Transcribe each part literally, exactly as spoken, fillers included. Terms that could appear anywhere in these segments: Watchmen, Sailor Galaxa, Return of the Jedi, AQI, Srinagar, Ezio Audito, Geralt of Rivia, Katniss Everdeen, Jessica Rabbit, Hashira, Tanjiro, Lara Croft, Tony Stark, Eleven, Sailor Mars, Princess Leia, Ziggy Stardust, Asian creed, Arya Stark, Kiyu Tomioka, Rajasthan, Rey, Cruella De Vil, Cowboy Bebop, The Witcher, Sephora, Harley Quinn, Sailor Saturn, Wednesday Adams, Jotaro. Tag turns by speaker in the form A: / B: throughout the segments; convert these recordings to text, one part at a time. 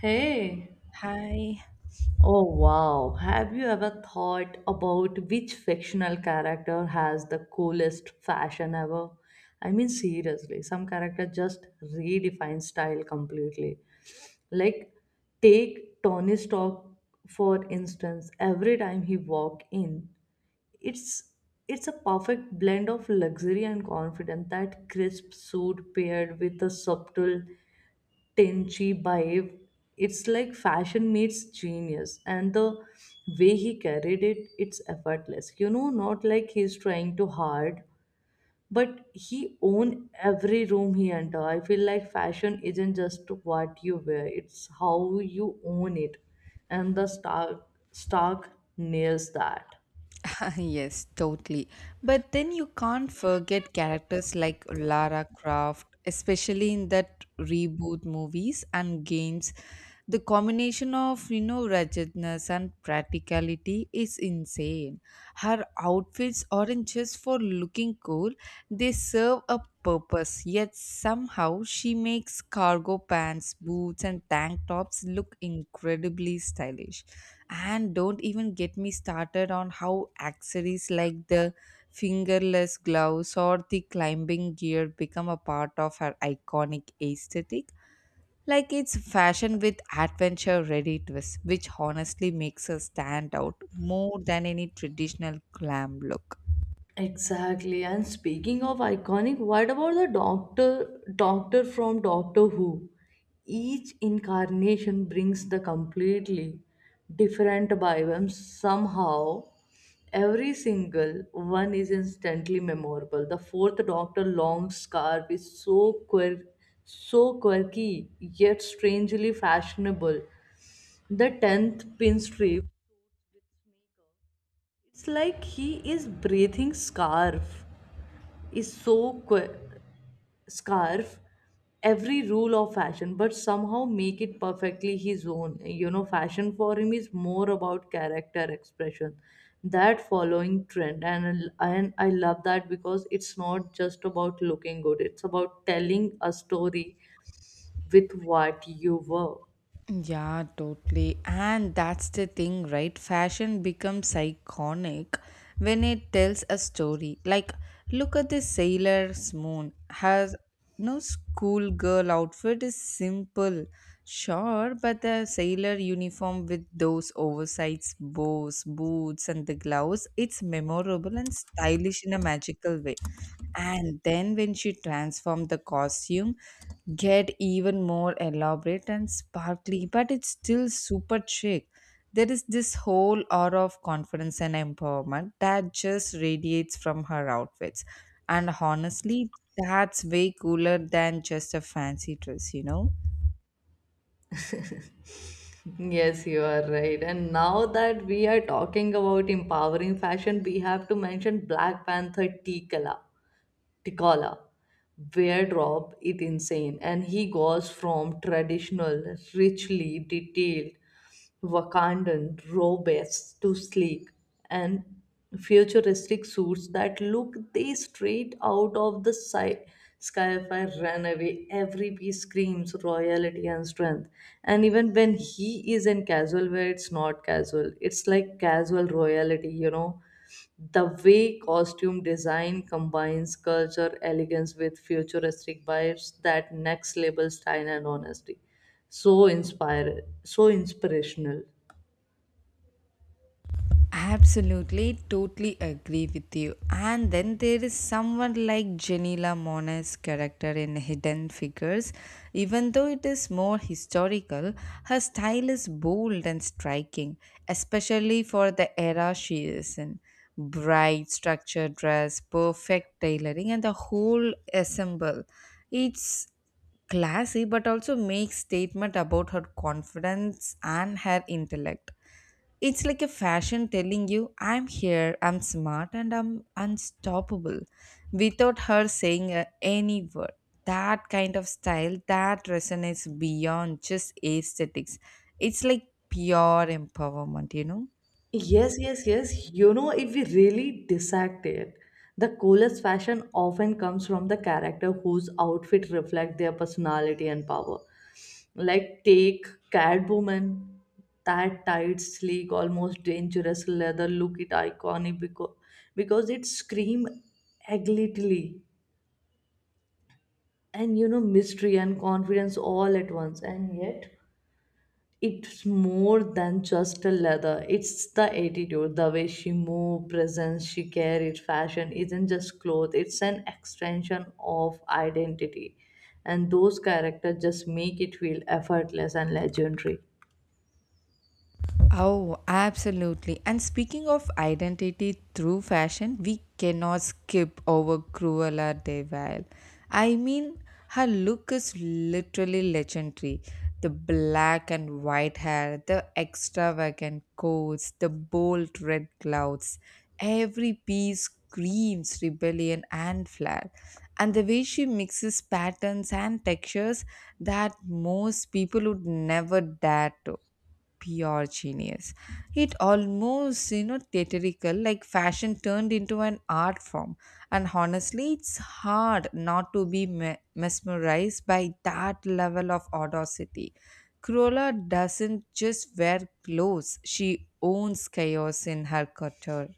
A: Hey,
B: Hi.
A: oh wow, have you ever thought about which fictional character has the coolest fashion ever? I mean, seriously, some character just redefines style completely. Like, take Tony Stark for instance, every time he walk in, it's it's a perfect blend of luxury and confidence. That crisp suit paired with a subtle Tenchi Baib. It's like fashion meets genius, and the way he carried it, it's effortless. You know, not like he's trying too hard, but he own every room he enter. I feel like fashion isn't just what you wear; it's how you own it, and the Stark Stark nails that.
B: Yes, totally. But then you can't forget characters like Lara Croft, especially in that reboot movies and games, the combination of you know wretchedness and practicality is insane. Her outfits aren't just for looking cool, they serve a purpose, yet somehow she makes cargo pants, boots, and tank tops look incredibly stylish. And don't even get me started on how accessories like the fingerless gloves or the climbing gear become a part of her iconic aesthetic. Like, it's fashion with adventure ready twist, which honestly makes her stand out more than any traditional glam look.
A: Exactly. And speaking of iconic, what about the doctor doctor from Doctor Who? Each incarnation brings the completely different vibe and somehow every single one is instantly memorable. The fourth doctor long scarf is so quirky so quirky yet strangely fashionable. The tenth pinstripe, it's like he is breathing scarf is so quirky scarf every rule of fashion but somehow make it perfectly his own, you know, fashion for him is more about character expression that following trend and, and I love that because it's not just about looking good, it's about telling a story with what you were.
B: Yeah, totally. And that's the thing, right? Fashion becomes iconic when it tells a story. Like, look at the sailor's moon. Has no schoolgirl outfit is simple, sure, but the sailor uniform with those oversized bows, boots, and the gloves, it's memorable and stylish in a magical way. And then when she transformed, the costume get even more elaborate and sparkly, but it's still super chic. There is this whole aura of confidence and empowerment that just radiates from her outfits. And honestly, that's way cooler than just a fancy dress, you know?
A: Yes, you are right. And now that we are talking about empowering fashion, we have to mention Black Panther Tikala. Tikala wardrobe is insane, and he goes from traditional, richly detailed Wakandan robes to sleek and futuristic suits that look they straight out of the sci- sci-fi runaway. Every piece screams royalty and strength. And even when he is in casual wear, it's not casual. It's like casual royalty, you know the way costume design combines culture elegance with futuristic vibes, that next level style and honesty. So inspire so inspirational.
B: Absolutely, totally agree with you. And then there is someone like Janila Mona's character in Hidden Figures. Even though it is more historical, her style is bold and striking, especially for the era she is in. Bright structured dress, perfect tailoring, and the whole ensemble. It's classy but also makes statement about her confidence and her intellect. It's like a fashion telling you, I'm here, I'm smart, and I'm unstoppable without her saying uh, any word. That kind of style that resonates beyond just aesthetics. It's like pure empowerment, you know?
A: Yes, yes, yes. You know, if we really dissect it, the coolest fashion often comes from the character whose outfit reflect their personality and power. Like take Catwoman, that tight, sleek, almost dangerous leather look it iconic because because it scream agility and, you know, mystery and confidence all at once, and yet it's more than just a leather, it's the attitude, the way she move, presence she carried, fashion isn't just clothes, it's an extension of identity, and those characters just make it feel effortless and legendary.
B: Oh, absolutely. And speaking of identity through fashion, we cannot skip over Cruella De Vil. I mean, her look is literally legendary. The black and white hair, the extravagant coats, the bold red clouds. Every piece screams rebellion and flair. And the way she mixes patterns and textures that most people would never dare to, pure genius. It almost, you know, theatrical, like fashion turned into an art form. And honestly, it's hard not to be me- mesmerized by that level of audacity. Cruella doesn't just wear clothes, she owns chaos in her couture.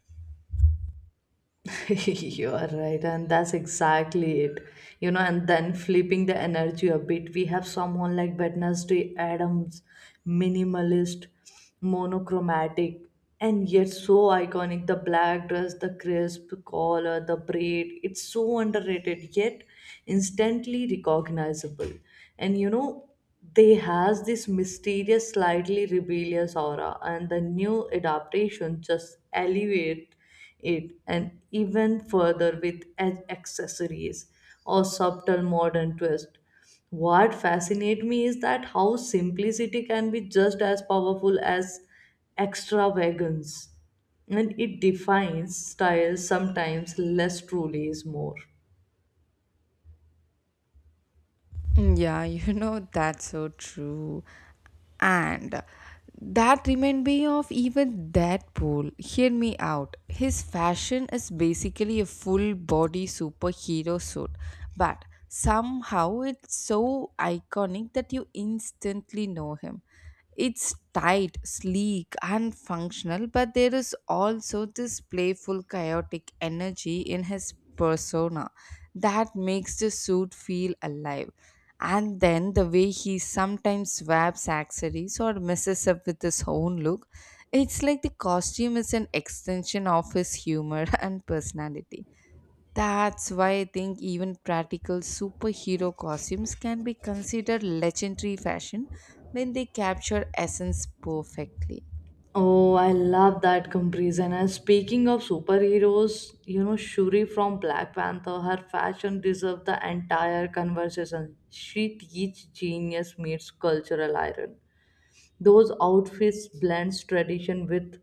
A: You are right, and that's exactly it. You know, and then flipping the energy a bit, we have someone like Wednesday Adams, minimalist, monochromatic, and yet so iconic. The black dress, the crisp collar, the braid, it's so underrated, yet instantly recognizable. And you know, they has this mysterious, slightly rebellious aura, and the new adaptation just elevate it and even further with ac- accessories or subtle modern twist. What fascinates me is that how simplicity can be just as powerful as extravagance. And it defines style sometimes less truly is more.
B: Yeah, you know, that's so true. And that reminded me of even that pool. Hear me out. His fashion is basically a full body superhero suit, but somehow it's so iconic that you instantly know him. It's tight, sleek, and functional, but there is also this playful, chaotic energy in his persona that makes the suit feel alive. And then the way he sometimes wraps accessories or messes up with his own look, it's like the costume is an extension of his humor and personality. That's why I think even practical superhero costumes can be considered legendary fashion when they capture essence perfectly.
A: Oh, I love that comparison. And speaking of superheroes, you know, Shuri from Black Panther, her fashion deserves the entire conversation. She teaches genius meets cultural iron. Those outfits blends tradition with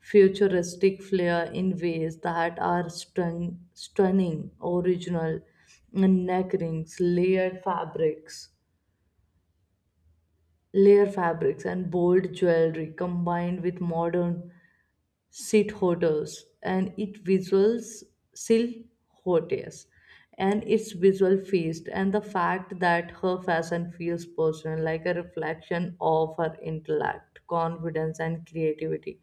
A: futuristic flair in ways that are stun- stunning, original, and neck rings, layered fabrics, layer fabrics, and bold jewelry combined with modern seat hotels and it visuals still hotels and its visual feast, and the fact that her fashion feels personal like a reflection of her intellect, confidence and creativity,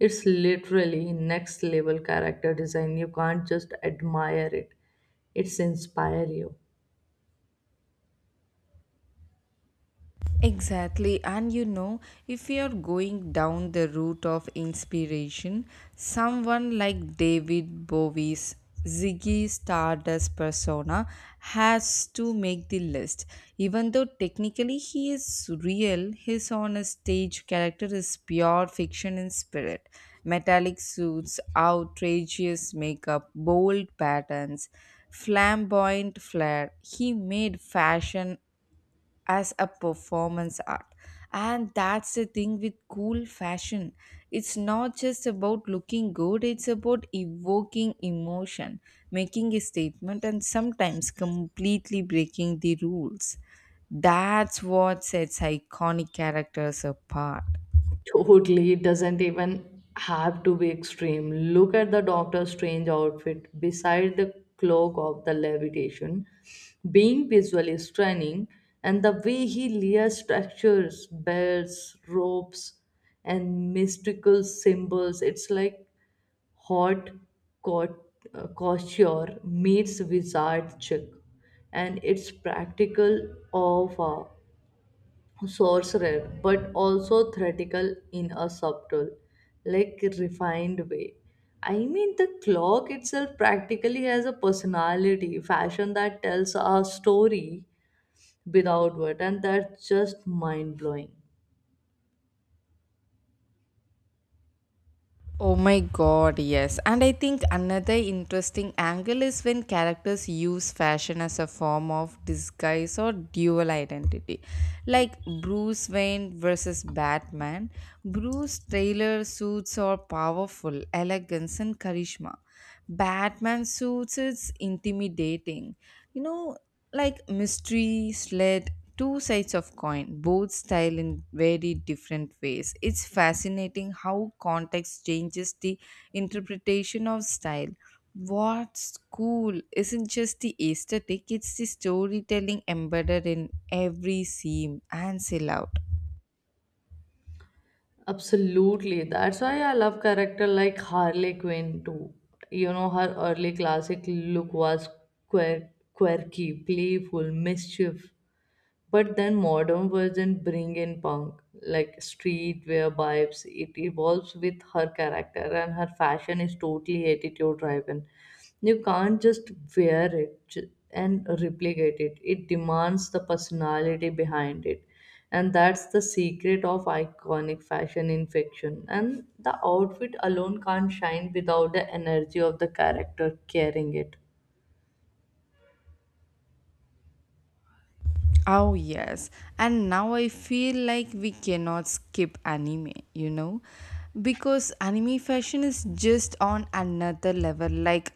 A: it's literally next level character design, you can't just admire it, it's inspire you.
B: Exactly, and you know, if you're going down the route of inspiration, someone like David Bowie's Ziggy Stardust persona has to make the list. Even though technically he is real, his on a stage character is pure fiction in spirit. Metallic suits, outrageous makeup, bold patterns, flamboyant flair. He made fashion as a performance art. And that's the thing with cool fashion, it's not just about looking good, it's about evoking emotion, making a statement, and sometimes completely breaking the rules. That's what sets iconic characters apart.
A: Totally, it doesn't even have to be extreme. Look at the Doctor Strange outfit beside the cloak of the levitation, being visually stunning, and the way he layers structures, belts, ropes, and mystical symbols. It's like hot cot- uh, couture meets wizard chick, and it's practical awe sorcerer, but also theatrical in a subtle, like refined way. I mean, the clock itself practically has a personality, fashion that tells a story without word, and that's just mind blowing.
B: Oh my god, yes. And I think another interesting angle is when characters use fashion as a form of disguise or dual identity. Like Bruce Wayne versus Batman. Bruce Taylor suits are powerful, elegance, and charisma. Batman suits is intimidating. You know, like mystery, sled, two sides of coin, both style in very different ways. It's fascinating how context changes the interpretation of style. What's cool isn't just the aesthetic, it's the storytelling embedded in every seam and silhouette.
A: Absolutely, that's why I love character like Harley Quinn too. You know, her early classic look was quirk, quirky, playful, mischief, but then modern version bring in punk like streetwear vibes, it evolves with her character and her fashion is totally attitude driven, you can't just wear it ju- and replicate it, it demands the personality behind it, and that's the secret of iconic fashion in fiction, and the outfit alone can't shine without the energy of the character carrying it.
B: Oh, yes. And now I feel like we cannot skip anime, you know? Because anime fashion is just on another level. Like,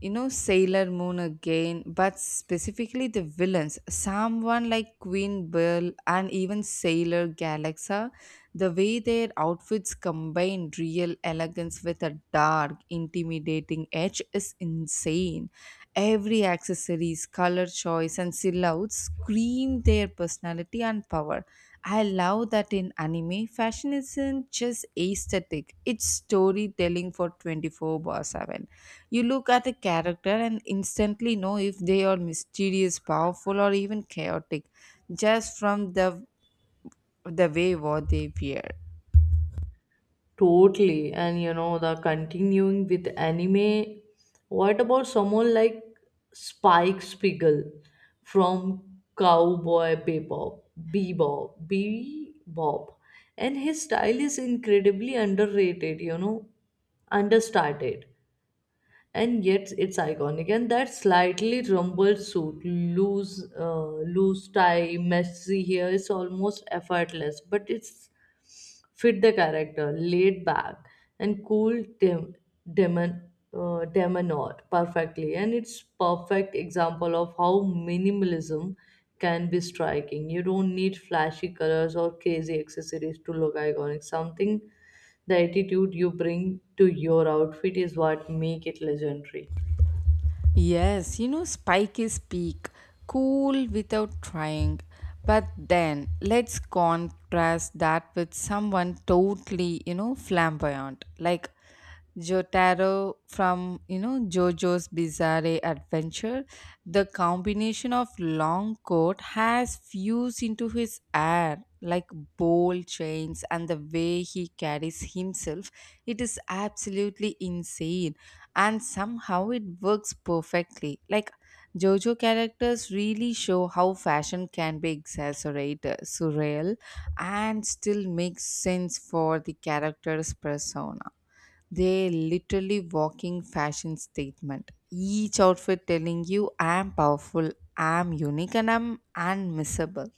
B: you know, Sailor Moon again, but specifically the villains. Someone like Queen Belle and even Sailor Galaxa, the way their outfits combine real elegance with a dark, intimidating edge is insane. Every accessories, color choice, and silhouettes scream their personality and power. I love that in anime, fashion isn't just aesthetic, it's storytelling for twenty-four bar seven. You look at a character and instantly know if they are mysterious, powerful, or even chaotic just from the, the way what they wear.
A: Totally. And you know, the continuing with anime, what about someone like Spike Spiegel from Cowboy Bebop, Bebop, Bebop? And his style is incredibly underrated, you know, understated and yet it's iconic. And that slightly rumpled suit, loose, uh, loose tie, messy hair, it's almost effortless, but it's fit the character, laid back and cool dem- demon uh, demeanor perfectly. And it's perfect example of how minimalism can be striking. You don't need flashy colors or crazy accessories to look iconic. Something the attitude you bring to your outfit is what make it legendary.
B: Yes, you know, Spike is peak, cool without trying. But then let's contrast that with someone totally, you know, flamboyant, like Jotaro from, you know, JoJo's Bizarre Adventure. The combination of long coat has fused into his air, like bold chains, and the way he carries himself. It is absolutely insane and somehow it works perfectly. Like JoJo characters really show how fashion can be exaggerated, surreal, and still makes sense for the character's persona. They literally walking fashion statement. Each outfit telling you I'm powerful, I'm unique, and I'm unmissable.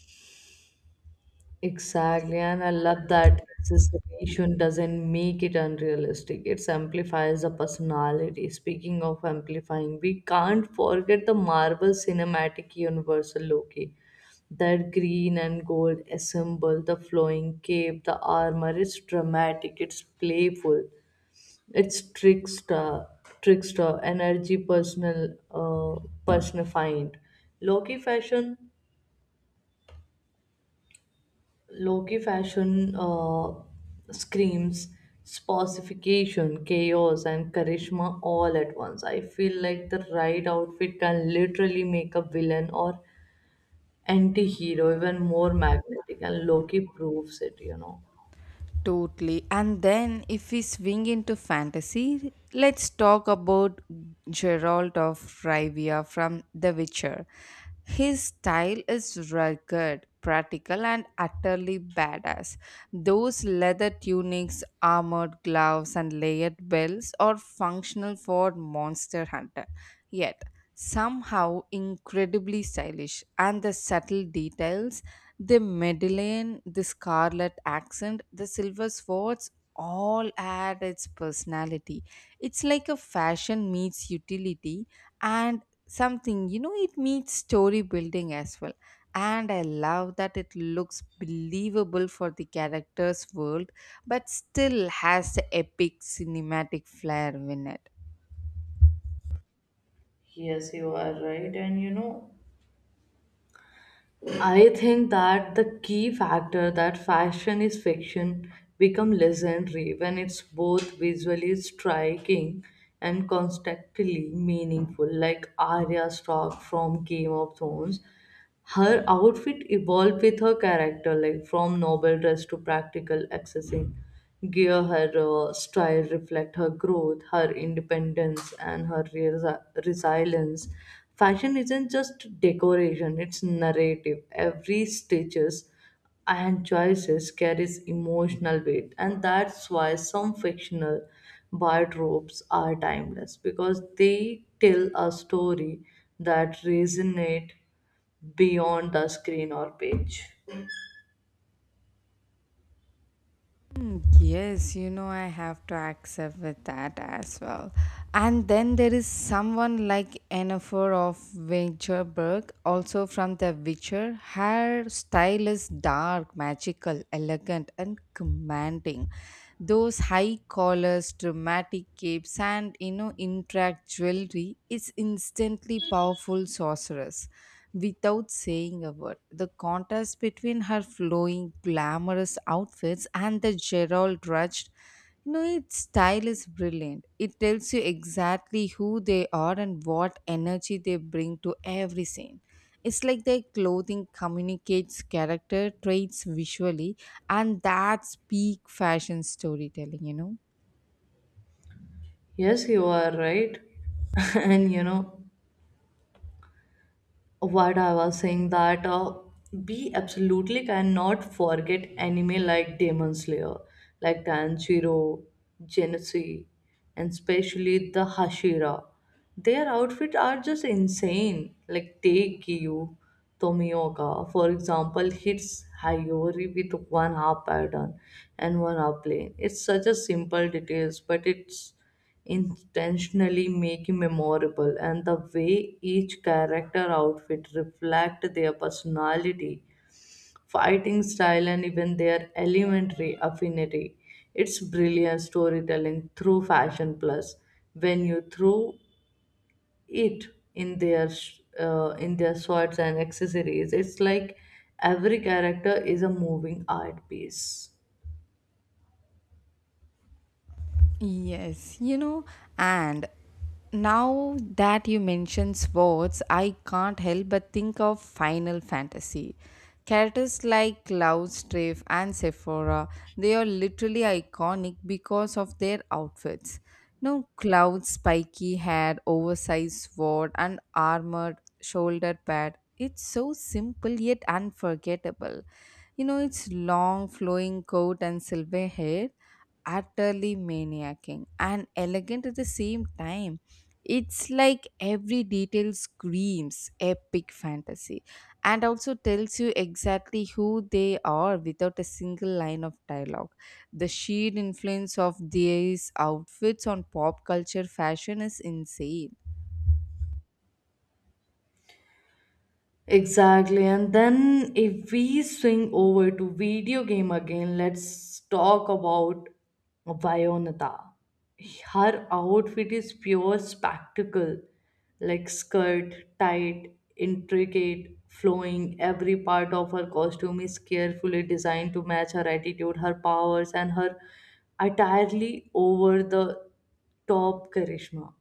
A: Exactly, and I love that exaggeration doesn't make it unrealistic. It amplifies the personality. Speaking of amplifying, we can't forget the Marvel Cinematic Universe Loki. That green and gold ensemble, the flowing cape, the armor, it's dramatic, it's playful, it's trickster, trickster, energy, personal, uh, personified. Loki fashion, Loki fashion uh, screams specification, chaos, and charisma all at once. I feel like the right outfit can literally make a villain or anti-hero even more magnetic, and Loki proves it, you know.
B: Totally. And then if we swing into fantasy, let's talk about Geralt of Rivia from The Witcher. His style is rugged, practical, and utterly badass. Those leather tunics, armored gloves, and layered belts are functional for Monster Hunter. Yet, somehow incredibly stylish, and the subtle details, the medallion, the scarlet accent, the silver swords, all add its personality. It's like a fashion meets utility, and something, you know, it meets story building as well. And I love that it looks believable for the character's world, but still has the epic cinematic flair in it.
A: Yes, you are right, and you know. I think that the key factor that fashion is fiction become legendary when it's both visually striking and constantly meaningful, like Arya Stark from Game of Thrones. Her outfit evolved with her character, like from noble dress to practical accessing. Gear her uh, style reflect her growth, her independence, and her resi- resilience. Fashion isn't just decoration; it's narrative. Every stitches and choices carries emotional weight, and that's why some fictional wardrobes are timeless because they tell a story that resonate beyond the screen or page.
B: Mm, yes, you know, I have to accept with that as well. And then there is someone like Yennefer of Winterberg, also from The Witcher. Her style is dark, magical, elegant, and commanding. Those high collars, dramatic capes, and you know, intricate jewelry is instantly powerful sorceress without saying a word. The contrast between her flowing, glamorous outfits and the Gerald Rudge, you know, its style is brilliant. It tells you exactly who they are and what energy they bring to every scene. It's like their clothing communicates character traits visually, and that's peak fashion storytelling, you know.
A: Yes, you are right. And you know, what I was saying that uh, we absolutely cannot forget anime like Demon Slayer, like Tanjiro, Genesee, and especially the Hashira. Their outfits are just insane. Like take Kiyu Tomioka, for example, hits Hayori with one half pattern and one half plane. It's such a simple details, but it's intentionally make you memorable, and the way each character outfit reflect their personality, fighting style, and even their elementary affinity, it's brilliant storytelling through fashion, plus when you throw it in their sh- uh, in their swords and accessories, it's like every character is a moving art piece.
B: Yes, you know, and now that you mention sports, I can't help but think of Final Fantasy. Characters like Cloud, Strife, and Sephora, they are literally iconic because of their outfits. No, Cloud's spiky hair, oversized sword, and armored shoulder pad. It's so simple yet unforgettable. You know, its long flowing coat and silver hair, utterly maniaking and elegant at the same time. It's like every detail screams epic fantasy, and also tells you exactly who they are without a single line of dialogue. The sheer influence of these outfits on pop culture fashion is insane.
A: Exactly. And then if we swing over to video game again, let's talk about Bayonetta. Her outfit is pure spectacle, like skirt, tight, intricate, flowing. Every part of her costume is carefully designed to match her attitude, her powers, and her entirely over the top charisma.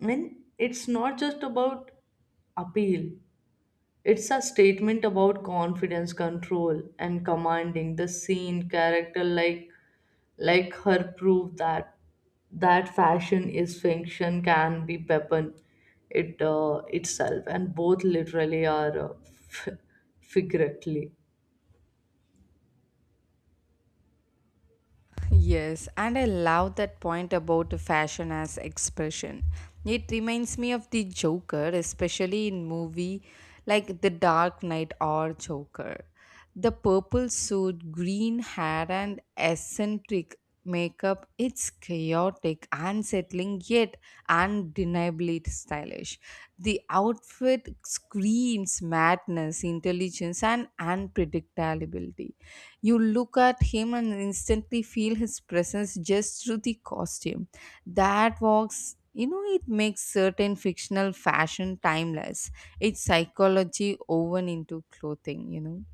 A: And it's not just about appeal. It's a statement about confidence, control, and commanding the scene, character like like her prove that that fashion is fiction can be weapon it uh, itself, and both literally are uh, figuratively.
B: Yes, and I love that point about fashion as expression. It reminds me of the Joker, especially in movie like The Dark Knight or Joker. The purple suit, green hair, and eccentric makeup, it's chaotic, unsettling, yet undeniably stylish. The outfit screams madness, intelligence, and unpredictability. You look at him and instantly feel his presence just through the costume. That walks, you know, it makes certain fictional fashion timeless. It's psychology woven into clothing, you know.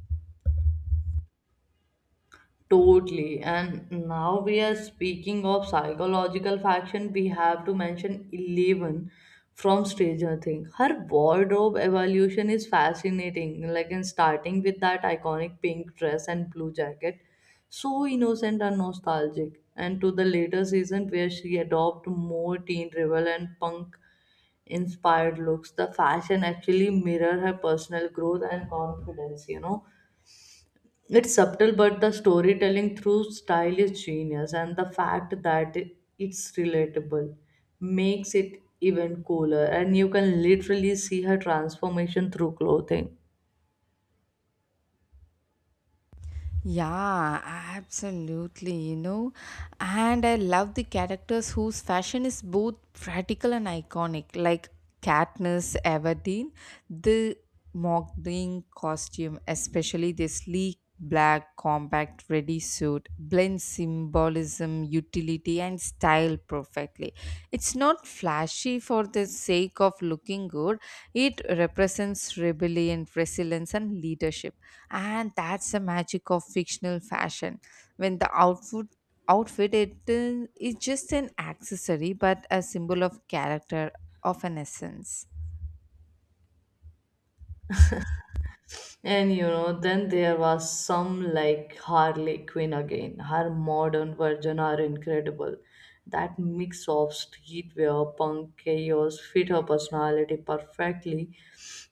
A: Totally. And now we are speaking of psychological faction. We have to mention Eleven from Stranger Things. Her wardrobe evolution is fascinating. Like in starting with that iconic pink dress and blue jacket, so innocent and nostalgic. And to the later season where she adopted more teen rebel and punk inspired looks, the fashion actually mirror her personal growth and confidence. You know it's subtle, but the storytelling through style is genius, and the fact that it- it's relatable makes it even cooler. And you can literally see her transformation through clothing.
B: Yeah, absolutely, you know. And I love the characters whose fashion is both practical and iconic, like Katniss Everdeen, the modeling costume, especially the sleek black compact ready suit, blends symbolism, utility, and style perfectly. It's not flashy for the sake of looking good, it represents rebellion, resilience, and leadership. And that's the magic of fictional fashion, when the outfit outfit it uh, is just an accessory but a symbol of character, of an essence.
A: And you know, then there was some like Harley Quinn again. Her modern version are incredible. That mix of streetwear, punk, chaos fit her personality perfectly.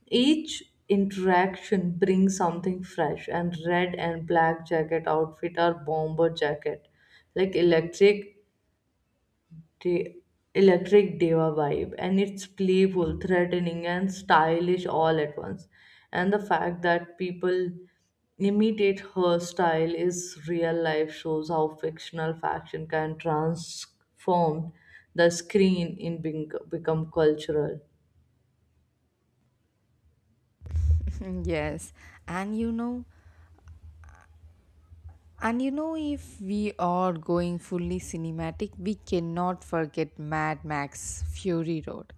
A: Each interaction brings something fresh, and red and black jacket outfit or bomber jacket, like electric the electric diva vibe, and it's playful, threatening and stylish all at once. And the fact that people imitate her style is real life shows how fictional fashion can transform the screen in being, become cultural.
B: Yes, and you know, and you know if we are going fully cinematic, we cannot forget mad max fury road,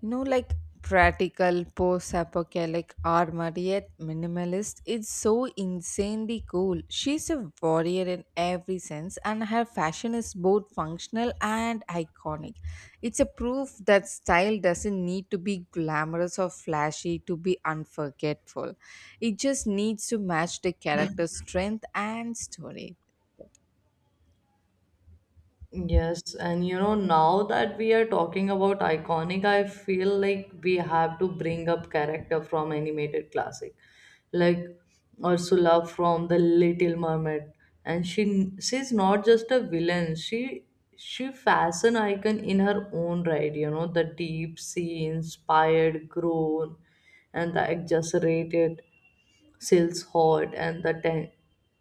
B: you know, like practical post-apocalyptic armor yet minimalist. It's so insanely cool, she's a warrior in every sense, and her fashion is both functional and iconic. It's a proof that style doesn't need to be glamorous or flashy to be unforgettable. It just needs to match the character's strength and story.
A: Yes, and you know, now that we are talking about iconic, I feel like we have to bring up character from animated classic, like Ursula from The Little Mermaid, and she she's not just a villain. She she fashion icon in her own right. You know, the deep sea inspired groan and the exaggerated. Sil's hot and the ten-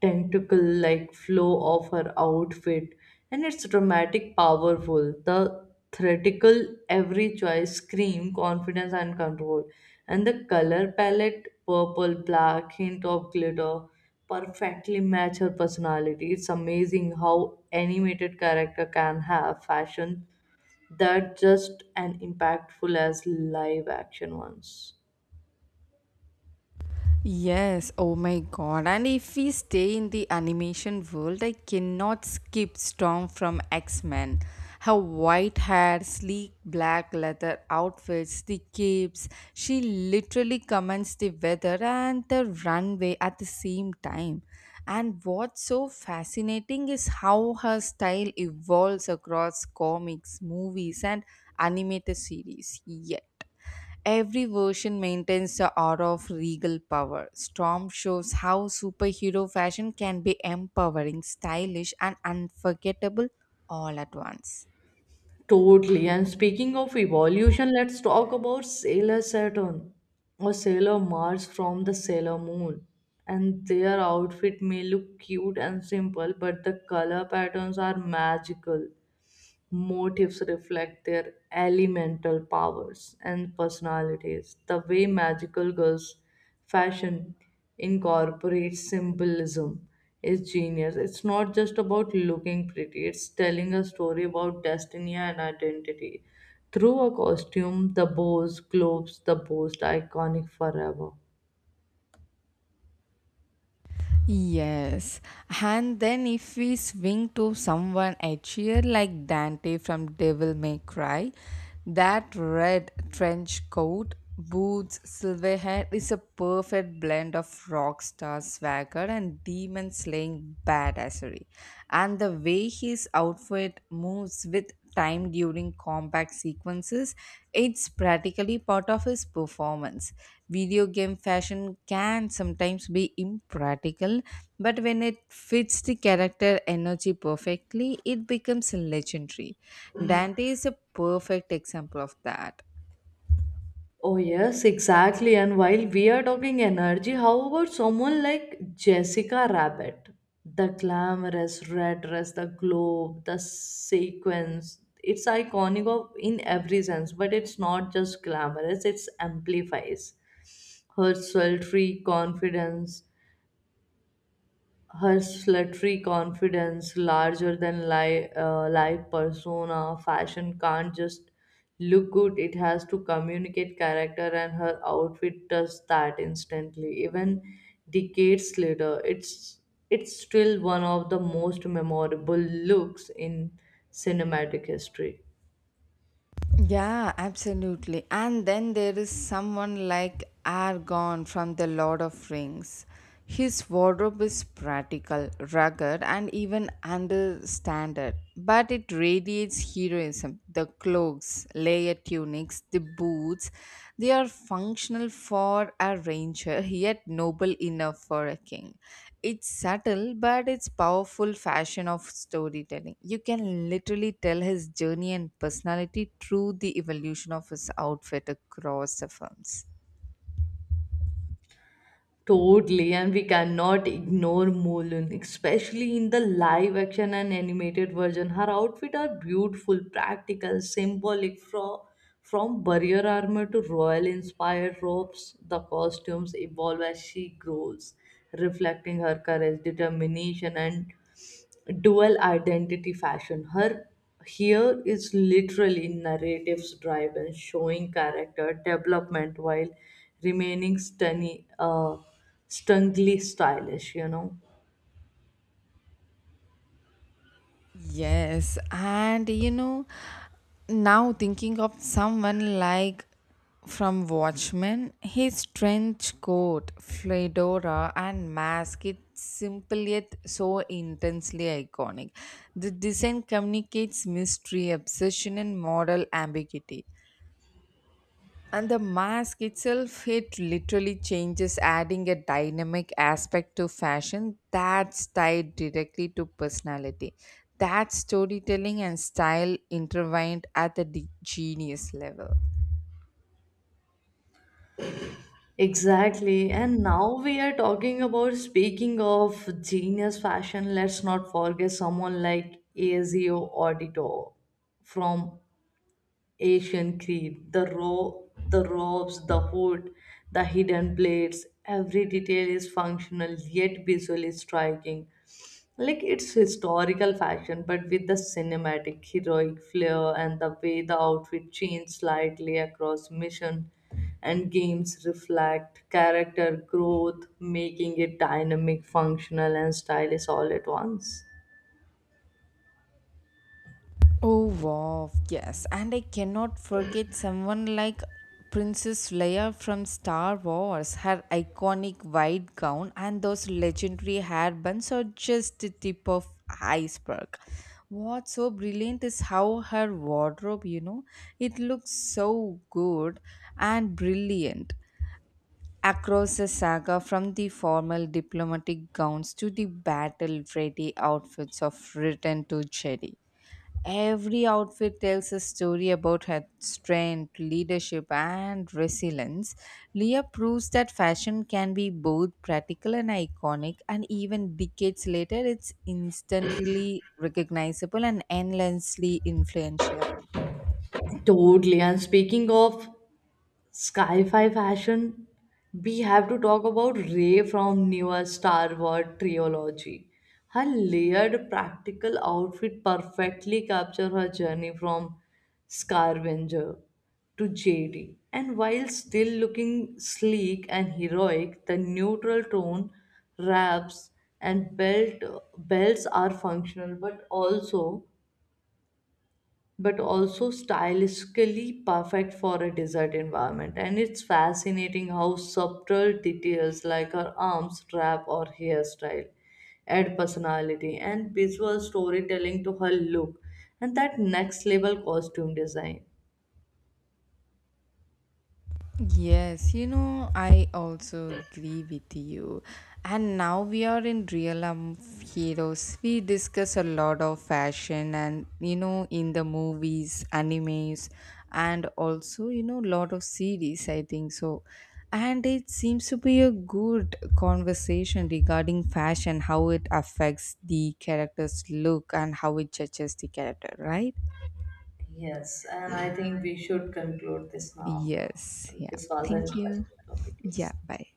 A: tentacle like flow of her outfit, and its dramatic powerful the theatrical, every choice scream confidence and control, and the color palette purple black hint of glitter perfectly match her personality, it's amazing how animated character can have fashion that just as impactful as live action ones.
B: Yes, oh my god. And if we stay in the animation world, I cannot skip Storm from X Men. Her white hair, sleek black leather outfits, the capes, she literally comments the weather and the runway at the same time. And what's so fascinating is how her style evolves across comics, movies, and animated series. Yet. Every version maintains the aura of regal power. Storm shows how superhero fashion can be empowering, stylish, and unforgettable all at once.
A: Totally. And speaking of evolution, let's talk about Sailor Saturn or Sailor Mars from the Sailor Moon. And their outfit may look cute and simple, but the color patterns are magical. Motifs reflect their elemental powers and personalities. The way magical girls fashion incorporates symbolism. It's genius. It's not just about looking pretty, it's telling a story about destiny and identity. Through a costume, the boss glows, the most iconic forever.
B: Yes, and then if we swing to someone a cheer like Dante from Devil May Cry, that red trench coat, boots, silver hair is a perfect blend of rock star swagger and demon slaying badassery. And the way his outfit moves with time during combat sequences, it's practically part of his performance. Video game fashion can sometimes be impractical, but when it fits the character energy perfectly, it becomes legendary. Dante is a perfect example of that.
A: Oh, yes, exactly. And while we are talking energy, how about someone like Jessica Rabbit? The glamorous red dress, the globe, the sequence. It's iconic of, in every sense, but it's not just glamorous, it's amplifies her sultry confidence, her slutty confidence, larger than li- uh, life persona, fashion can't just look good, it has to communicate character, and her outfit does that instantly. Even decades later, it's it's still one of the most memorable looks in cinematic history.
B: Yeah, absolutely. And then there is someone like Argon from The Lord of Rings. His wardrobe is practical, rugged, and even understandard, but it radiates heroism. The cloaks, layer tunics, the boots boots. They are functional for a ranger, yet noble enough for a king. It's subtle, but it's powerful fashion of storytelling. You can literally tell his journey and personality through the evolution of his outfit across the films.
A: Totally, and we cannot ignore Mulun, especially in the live action and animated version. Her outfit are beautiful, practical, symbolic from from barrier armor to royal inspired robes. The costumes evolve as she grows, reflecting her courage, determination, and dual identity fashion. Her here is literally narratives driven, showing character development while remaining stunning, uh, stunningly stylish, you know.
B: Yes, and you know. Now thinking of someone like from Watchmen, his trench coat, fedora, and mask, it's simple yet so intensely iconic. The design communicates mystery, obsession, and moral ambiguity. And the mask itself, it literally changes, adding a dynamic aspect to fashion that's tied directly to personality. That storytelling and style intertwined at the de- genius level.
A: Exactly. And now we are talking about speaking of genius fashion. Let's not forget someone like Ezio Audito from Asian creed, the row, the robes, the hood, the hidden plates, every detail is functional yet visually striking. Like it's historical fashion, but with the cinematic heroic flair, and the way the outfit changes slightly across mission and games reflect character growth, making it dynamic, functional, and stylish all at once.
B: Oh wow, yes. And I cannot forget someone like Princess Leia from Star Wars. Her iconic white gown and those legendary hair buns are just the tip of iceberg. What's so brilliant is how her wardrobe, you know, it looks so good and brilliant. Across the saga, from the formal diplomatic gowns to the battle ready outfits of Return to Jedi. Every outfit tells a story about her strength, leadership, and resilience. Leah proves that fashion can be both practical and iconic, and even decades later, it's instantly recognizable and endlessly influential.
A: Totally. And speaking of sci-fi fashion, we have to talk about Rey from newer Star Wars trilogy. Her layered practical outfit perfectly captures her journey from scavenger to J D. And while still looking sleek and heroic, the neutral tone wraps and belt belts are functional but also but also stylistically perfect for a desert environment. And it's fascinating how subtle details like her arms, strap or hairstyle add personality and visual storytelling to her look, and that next level costume design.
B: Yes, you know, I also agree with you. And now we are in Real um, Heroes. We discuss a lot of fashion and, you know, in the movies, animes, and also, you know, lot of series, I think so. And it seems to be a good conversation regarding fashion, how it affects the character's look and how it judges the character, right?
A: Yes, and I think we should conclude this now.
B: Yes, yeah.
A: This was an
B: Thank you.
A: interesting topic,
B: Yeah,
A: yes.
B: bye.